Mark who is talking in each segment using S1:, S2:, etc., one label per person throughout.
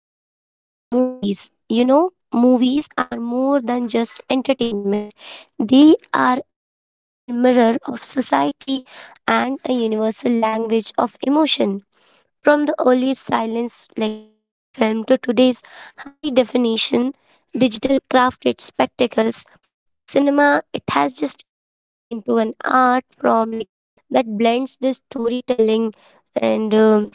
S1: to talk about the movies. You know, movies are more than just entertainment. They are a powerful mirror of society and a universal language of emotion. From the earliest silence like silent film to today's high definition digital crafted spectacles, cinema it has just evolved into an art form like that blends the storytelling and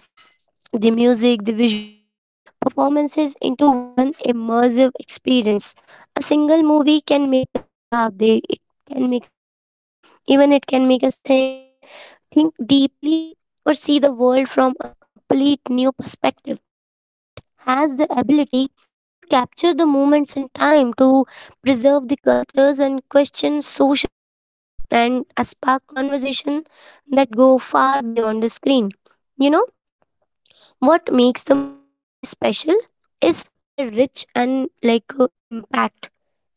S1: the music, the visuals, and performances into one immersive experience. A single movie can make us laugh, they it can make us cry, even it can make us think and think deeply or see the world from a complete new perspective. It has the ability to capture the moments in time, to preserve the cultures and question social norms, and a spark conversation that go far beyond the screen. You know? What makes the movie truly special is their rich and impact.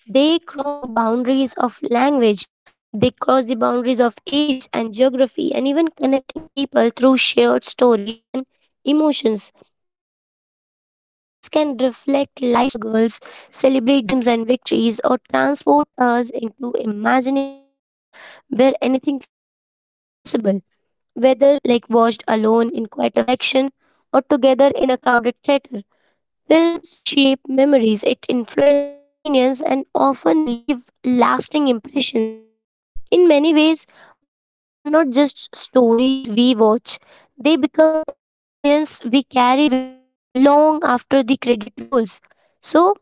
S1: They cross boundaries of language. They cross the boundaries of age and geography, and even connecting people through shared stories and emotions. Movies can reflect life struggles, celebrate dreams and victories, or transport us into imaginative worlds where anything feels possible, whether like watched alone in quiet reflection or together in a crowded theater. Films shape memories, it influences the opinions and often leave lasting impressions. In many ways, movies are not just stories we watch, they become experience we carry with us long after the credit rolls. So,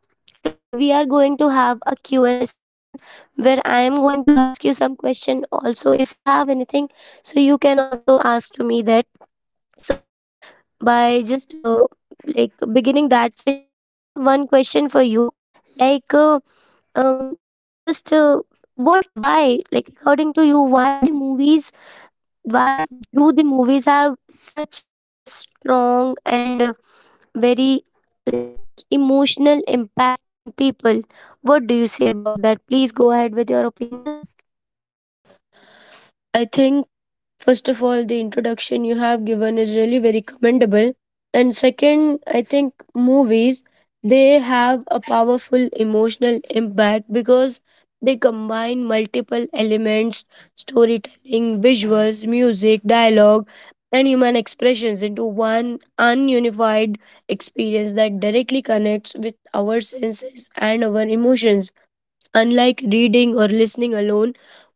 S1: today we are going to have a Q and a session where I am going to ask you some question, also if you have anything so you can also ask to me that. So, by just like beginning that session, I have one question for you like um just what why like according to you why the movies why do the movies have such a strong and very like emotional impact on people? What do you say about that? Please go ahead with your opinion.
S2: I think, first of all, the introduction you have given is really very commendable. And second, I think movies, they have a powerful emotional impact because they combine multiple elements storytelling, visuals, music, dialogue, and human expressions into one ununified experience that directly connects with our senses and our emotions. Unlike reading or listening alone,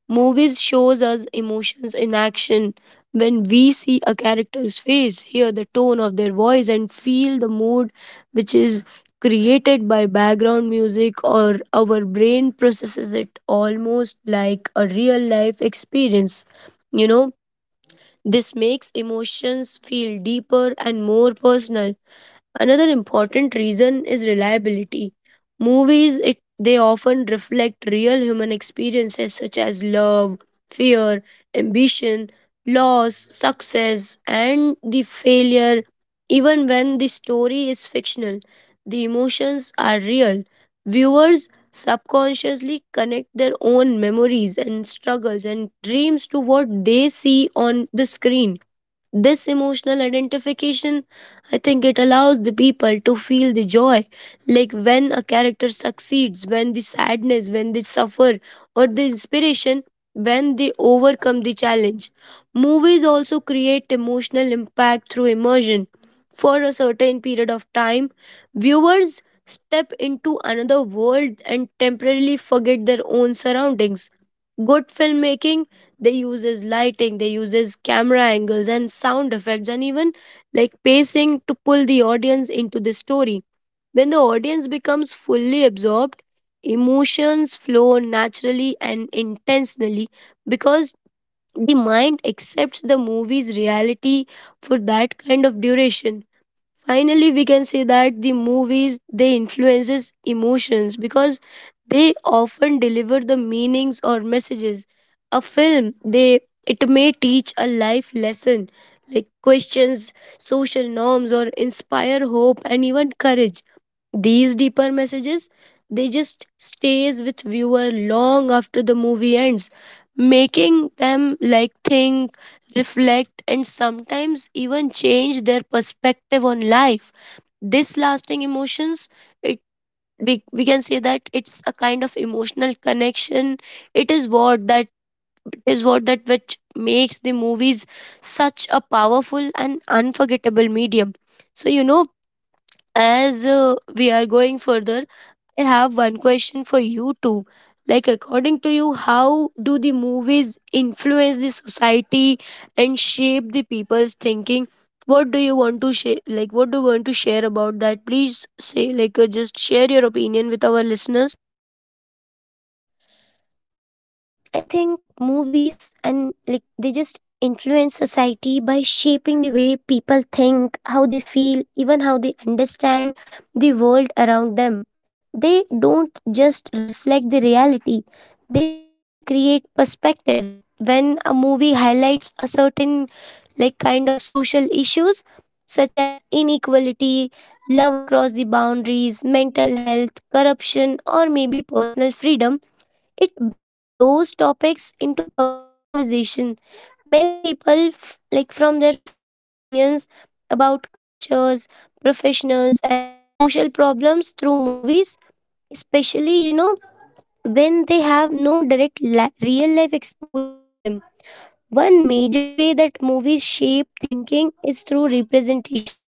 S2: movies shows us emotions in action. When we see a character's face, hear the tone of their voice and feel the mood which is created by background music or our brain processes it almost like a real life experience. You know, this makes emotions feel deeper and more personal. Another important reason is reliability. Movies it they often reflect real human experiences such as love, fear, ambition, loss, success, and the failure. Even when the story is fictional, the emotions are real. Viewers subconsciously connect their own memories and struggles and dreams to what they see on the screen. This emotional identification, I think it allows the people to feel the joy, like when a character succeeds, when the sadness, when they suffer, or the inspiration, when they overcome the challenge. Movies also create emotional impact through immersion. For a certain period of time, viewers step into another world and temporarily forget their own surroundings. Good filmmaking they uses lighting, they uses camera angles and sound effects and even like pacing to pull the audience into the story. When the audience becomes fully absorbed, emotions flow naturally and intentionally because the mind accepts the movie's reality for that kind of duration. Finally, we can say that the movies they influences emotions because they often deliver the meanings or messages. A film they it may teach a life lesson, like questions social norms or inspire hope and even courage. These deeper messages they just stays with viewer long after the movie ends, making them like think, reflect, and sometimes even change their perspective on life. This lasting emotions, it we can say that it's a kind of emotional connection. It is what that it is what that which makes the movies such a powerful and unforgettable medium. So as we are going further, I have one question for you too. Like, according to you, how do the movies influence the society and shape the people's thinking? What do you want to share? Like, what do you want to share about that? Please say, like, just share your opinion with our listeners.
S1: um I think movies and like they just influence society by shaping the way people think, how they feel, even how they understand the world around them. They don't just reflect the reality, they often create perspectives when a movie highlights a certain like kind of social issues such as inequality, love across the boundaries, mental health, corruption, or maybe personal freedom. It brings those topics into public conversation. Many people, like from their first opinions about cultures, professionals, and social problems through movies, especially, you know, when they have no direct real life exposure to them. One major way that movies shape thinking is through representation.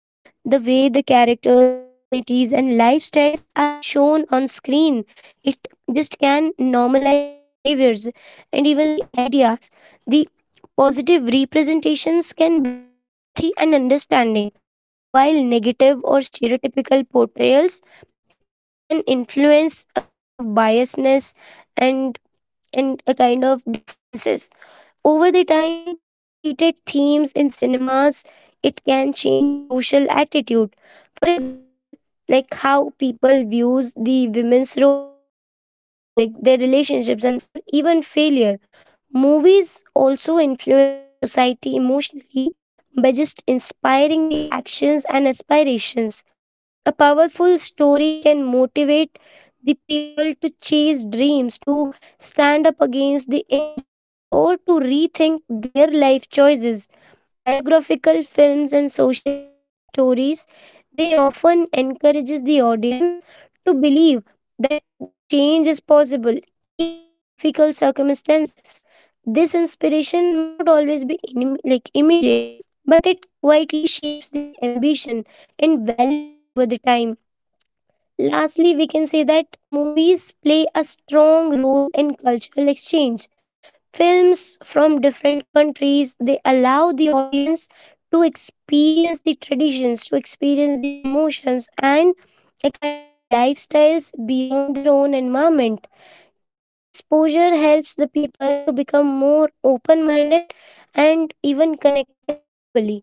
S1: The way the characters, the communities, and lifestyles are shown on screen, it just can normalize the behaviors and even the ideas. The positive representations can build empathy and understanding, while negative or stereotypical portrayals it can influence a kind of biasness and and a kind of differences. Over the time, repeated themes in cinemas it can change social attitude. For example, like how people views the women's role, like their relationships and success or even failure. Movies also influence the society emotionally by just inspiring the actions and aspirations. A powerful story can motivate the people to chase dreams, to stand up against the injustice, or to rethink their life choices. Biographical films and socially driven stories they often encourages the audience to believe that the change is possible even in difficult circumstances. This inspiration may not always be like immediate, but it quietly shapes the ambition and values over the time. Lastly, we can say that movies play a strong role in cultural exchange. Films from different countries they allow the audience to experience the traditions, to experience the emotions and a kind of lifestyles beyond their own environment. This exposure helps the people to become more open minded and even connected globally.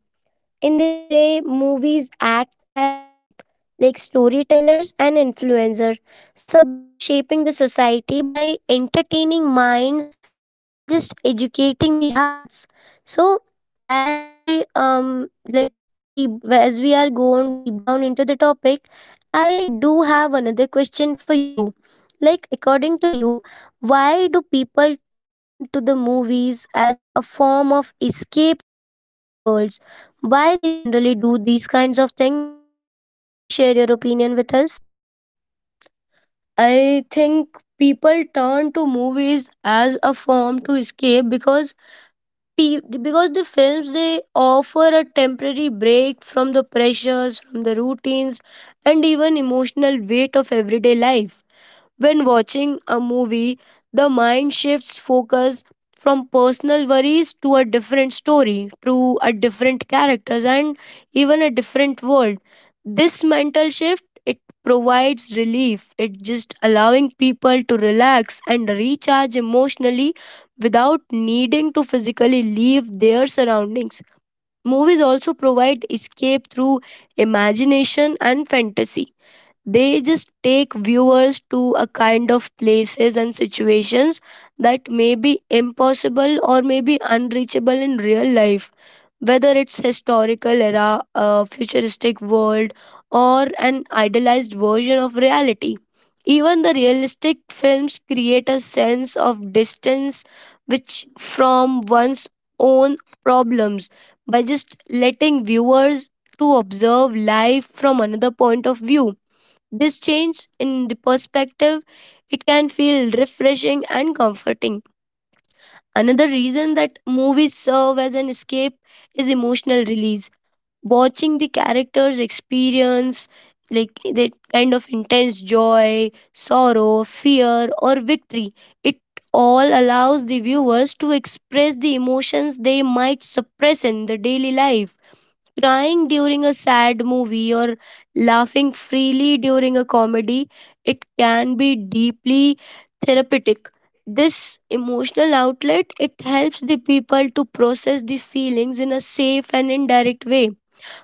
S1: In this way, movies act as both like storytellers and influencers, subtly shaping the society by entertaining minds while just educating the hearts. So, as we deep as we are going deep down into the topic, I do have another question for you. Like, according to you, why do people turn to the movies as a form of escape from the real world? Why they generally do these kinds of things? Please share your opinion with us.
S2: I think people turn to movies as a form to escape because because the films they offer a temporary break from the pressures, from the routines and even emotional weight of everyday life. When watching a movie, the mind shifts focus from personal worries to a different story, to a different characters and even a different world. This mental shift it provides relief. It just allowing people to relax and recharge emotionally without needing to physically leave their surroundings. Movies also provide escape through imagination and fantasy. They just take viewers to a kind of places and situations that may be impossible or may be unreachable in real life, whether it's historical era, a futuristic world, or an idealized version of reality. Even the realistic films create a sense of distance which from one's own problems by just letting viewers to observe life from another point of view. This change in the perspective, it can feel refreshing and comforting. Another reason that movies serve as an escape is emotional release. Watching the characters experience like that kind of intense joy, sorrow, fear, or victory, it all allows the viewers to express the emotions they might suppress in the daily life. Crying during a sad movie or laughing freely during a comedy, it can be deeply therapeutic. This emotional outlet it helps the people to process the feelings in a safe and indirect way.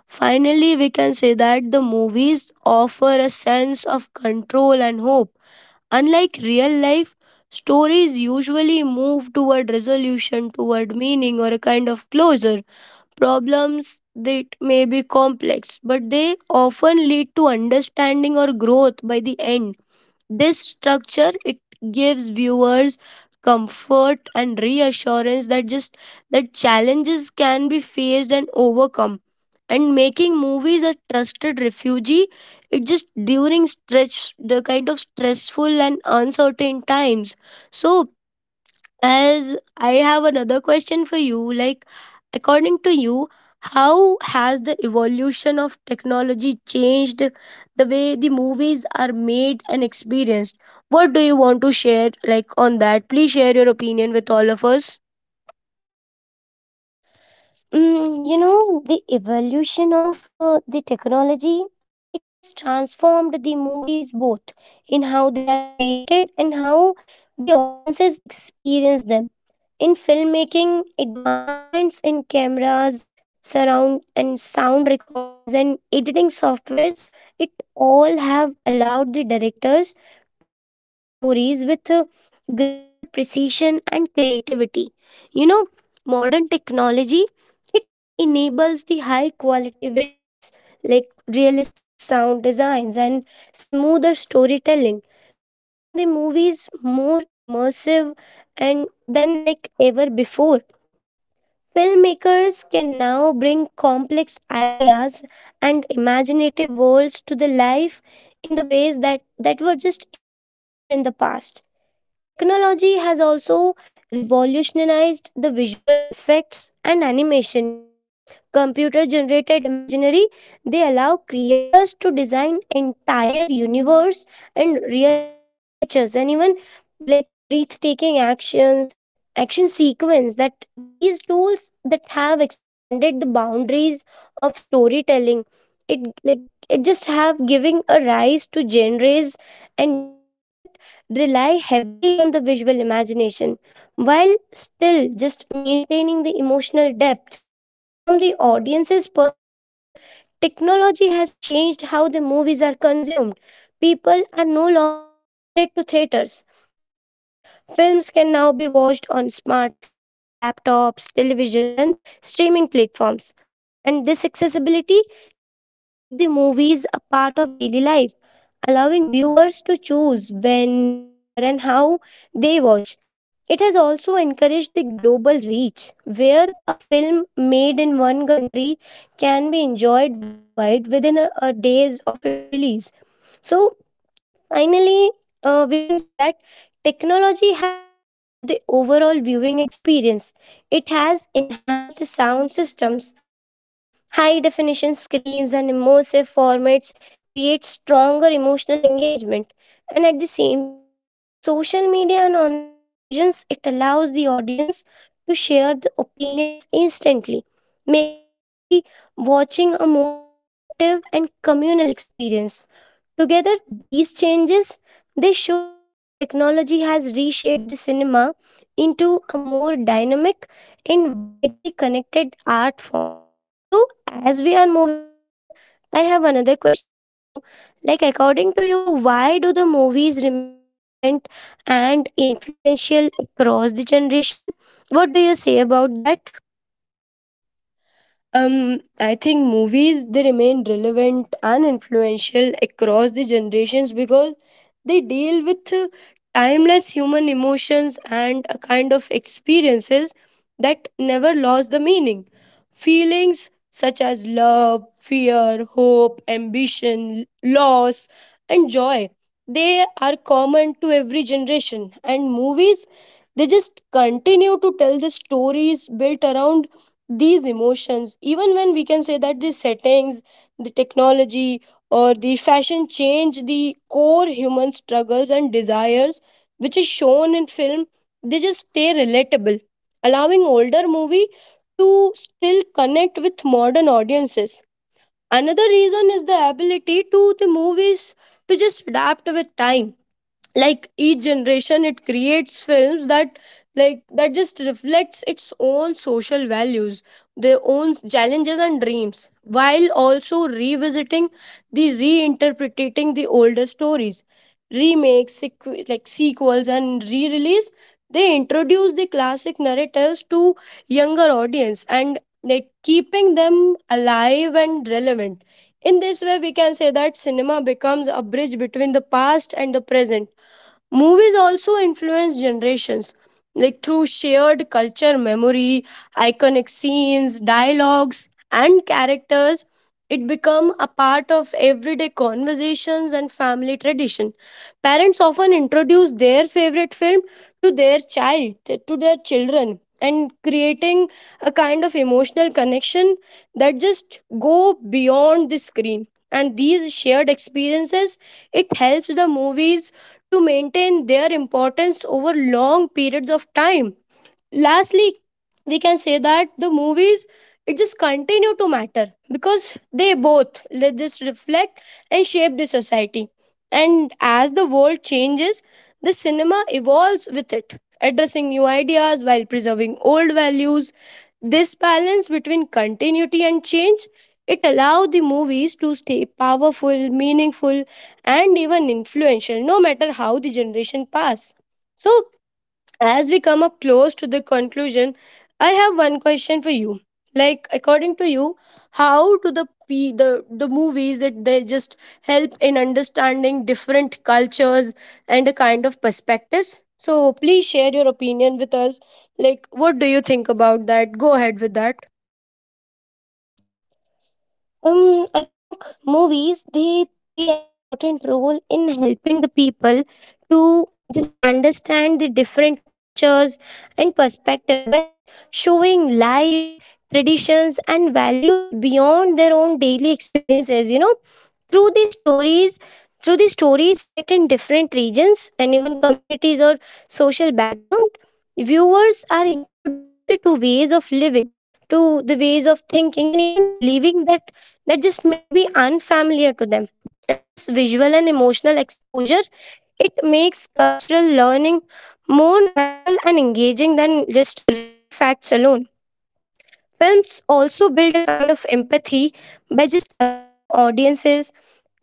S2: Finally, we can say that the movies offer a sense of control and hope. Unlike real life, stories usually move toward resolution, toward meaning, or a kind of closure. Problems that may be complex, but they often lead to understanding or growth by the end. This structure it gives viewers comfort and reassurance that just that challenges can be faced and overcome. And making movies a trusted refuge, it just during stretch the kind of stressful and uncertain times. So as I have another question for you, like, according to you, how has the evolution of technology changed the way the movies are made and experienced? What do you want to share, like, on that? Please share your opinion with all of us.
S1: Mm, you know, the evolution of the technology, it has transformed the movies both in how they are created and how the audiences experience them. In filmmaking, advancements in cameras, surround and sound recordings and editing softwares, it all have allowed the directors to tell the stories with greater precision and creativity. You know, modern technology it enables the high quality visuals like realistic sound designs and smoother storytelling, making the movies more immersive and than like ever before. Filmmakers can now bring complex ideas and imaginative worlds to the life in the ways that were just impossible in the past. Technology has also revolutionized the visual effects and animation. You know, computer generated imaginary, they allow creators to design entire universe and realistic creatures and even like breathtaking actions action sequence that these tools that have expanded the boundaries of storytelling. It like it just have giving a rise to genres and narratives that rely heavily on the visual imagination while still just maintaining the emotional depth. From the audience's perspective, technology has changed how the movies are consumed. People are no longer limited to theaters. They just films can now be watched on smartphones, laptops, televisions, and streaming platforms. And this accessibility, it has made the movies a part of daily life, allowing viewers to choose when, where, and how they watch. It has also encouraged the global reach, where a film made in one country can be enjoyed worldwide within a days of its release. So finally, we can say that technology has improved the overall viewing experience. It has enhanced sound systems like high definition screens and immersive formats create stronger emotional engagement. And at the same time, social media and online discussions it allows the audience to share the opinions instantly, making movie watching a more interactive and communal experience. Together, these changes they show how the technology has reshaped the cinema into a more dynamic and widely connected art form. So, as we are moving further, I have another question for you. Like, according to you, why do the movies remain relevant and influential across the generation? What do you say about that?
S2: I think movies they remain relevant and influential across the generations because they deal with timeless human emotions and a kind of experiences that never lost the meaning. Feelings such as love, fear, hope, ambition, loss, and joy they are common to every generation, and movies they just continue to tell the stories built around these emotions, even when we can say that the settings, the technology, or the fashion change, the core human struggles and desires which is shown in film they just stay relatable, allowing older movie to still connect with modern audiences. Another reason is the ability to the movies to just adapt with time. Like each generation it creates films that like that just reflects its own social values, their own challenges and dreams, while also revisiting the reinterpreting the older stories. Remakes, sequels and re-release they introduce the classic narratives to younger audience and like keeping them alive and relevant. In this way, we can say that cinema becomes a bridge between the past and the present. Movies also influence generations, like through shared culture memory, iconic scenes, dialogues, and characters it become a part of everyday conversations and family tradition. Parents often introduce their favorite film to their child, to their children, and creating a kind of emotional connection that just go beyond the screen. And these shared experiences, it helps the movies to maintain their importance over long periods of time. Lastly, we can say that the movies it just continue to matter because they both they just reflect and shape the society, and as the world changes the cinema evolves with it, addressing new ideas while preserving old values. This balance between continuity and change, it allows the movies to stay powerful, meaningful, and even influential, no matter how the generation pass. So as we come up close to the conclusion, I have one question for you. Like, according to you, how do the movies that they just help in understanding different cultures and a kind of perspectives? So please share your opinion with us. Like, what do you think about that? Go ahead with that.
S1: I think movies they play an important role in helping the people to just understand the different cultures and perspective by just showing lives, traditions, and values beyond their own daily experiences. You know, through these stories through these stories set in different regions and even communities or social background, viewers are introduced to ways of living, to the ways of thinking and even believing that that just may be unfamiliar to them. And this visual and emotional exposure it makes cultural learning more natural and engaging than just reading facts alone. Films also build a kind of empathy by just allowing audiences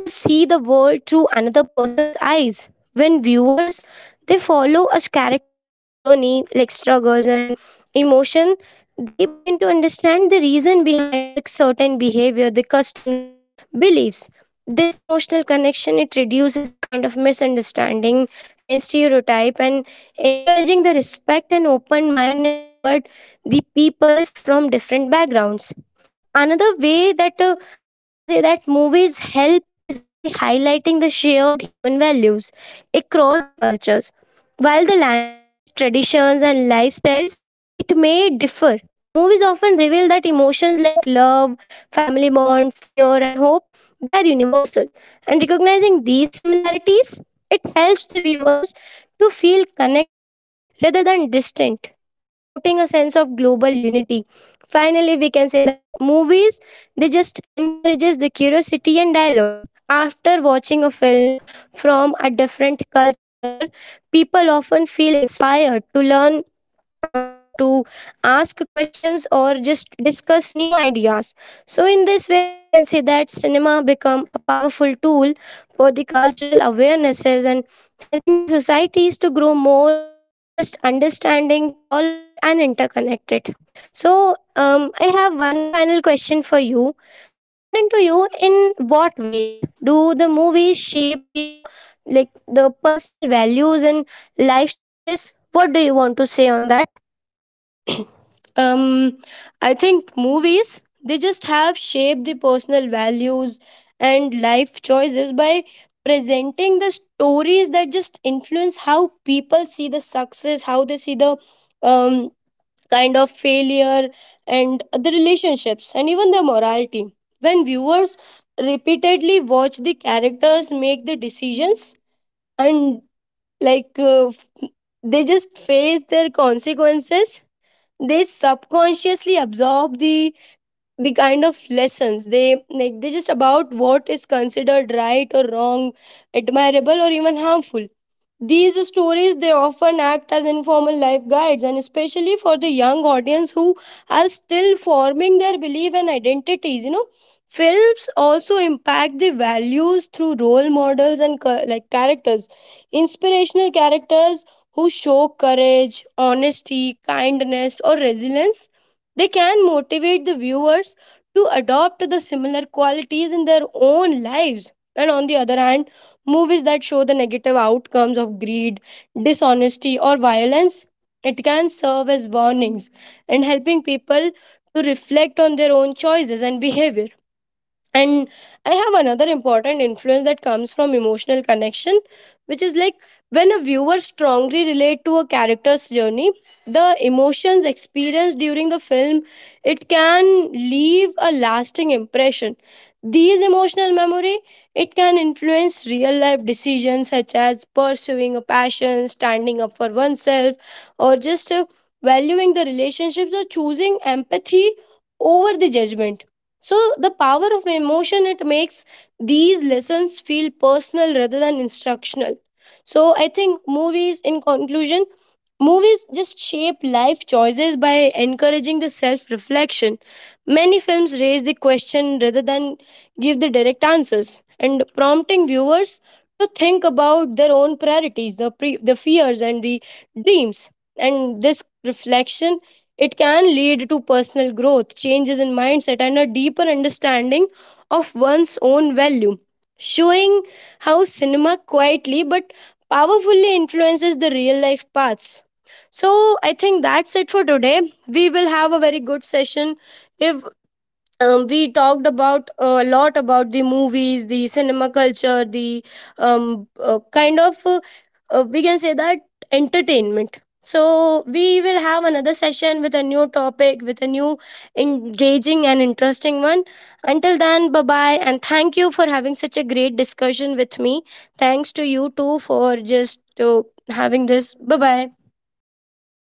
S1: to see the world through another person's eyes. When viewers they follow a character's journey, like struggles and emotion, they begin to understand the reason behind the certain behavior, the customs and beliefs. This emotional connection it reduces the kind of misunderstanding and stereotype and encouraging the respect and open mindedness toward the people from different backgrounds. Another way that we can say that movies help is by highlighting the shared human values across the cultures. While the languages, traditions and lifestyles it may differ, movies often reveal that emotions like love, family bond, fear and hope, they are universal. And recognizing these similarities it helps the viewers to feel connected rather than distant, promoting a sense of global unity. Finally, we can say that movies they just encourages the curiosity and dialogue. After watching a film from a different culture, people often feel inspired to learn more, to ask questions or just discuss new ideas. So in this way we can say that cinema become a powerful tool for the cultural awarenesses and helping the societies to grow more, to just understanding tolerate and interconnected. So I have one final question for you. According to you, in what ways do the movies shape their like the personal values and life choices? What do you want to say on that?
S2: Um, I think movies they just have shaped the personal values and life choices by presenting the stories that just influence how people see the success, how they see the um, kind of failure and the relationships and even their morality. When viewers repeatedly watch the characters make the decisions and like uh, f- they just face their consequences, they subconsciously absorb the kind of lessons they like they just about what is considered right or wrong, admirable or even harmful. These stories they often act as informal life guides, and especially for the young audience who are still forming their belief and identities. Films also impact the values through role models and characters, inspirational characters who show courage, honesty, kindness or resilience, they can motivate the viewers to adopt the similar qualities in their own lives. And on the other hand, movies that show the negative outcomes of greed, dishonesty, or violence, it can serve as warnings and helping people to reflect on their own choices and behavior. And I have another important influence that comes from emotional connection, which is like when a viewer strongly relate to a character's journey, the emotions experienced during the film it can leave a lasting impression. These emotional memory it can influence real life decisions such as pursuing a passion, standing up for oneself, or just valuing the relationships or choosing empathy over the judgment. So the power of emotion it makes these lessons feel personal rather than instructional. So I think movies in conclusion movies just shape life choices by encouraging the self reflection. Many films raise the question rather than give the direct answers and prompting viewers to think about their own priorities, the fears and the dreams. And this reflection it can lead to personal growth, changes in mindset, and a deeper understanding of one's own value, showing how cinema quietly but powerfully influences the real life paths. So, I think that's it for today. We will have a very good session if we talked about a lot about the movies, the cinema culture, the um, uh, kind of uh, we can say that entertainment. So we will have another session with a new topic, with a new engaging and interesting one. Until then, bye bye, and thank you for having such a great discussion with me. Thanks to you too for just having this. Bye bye.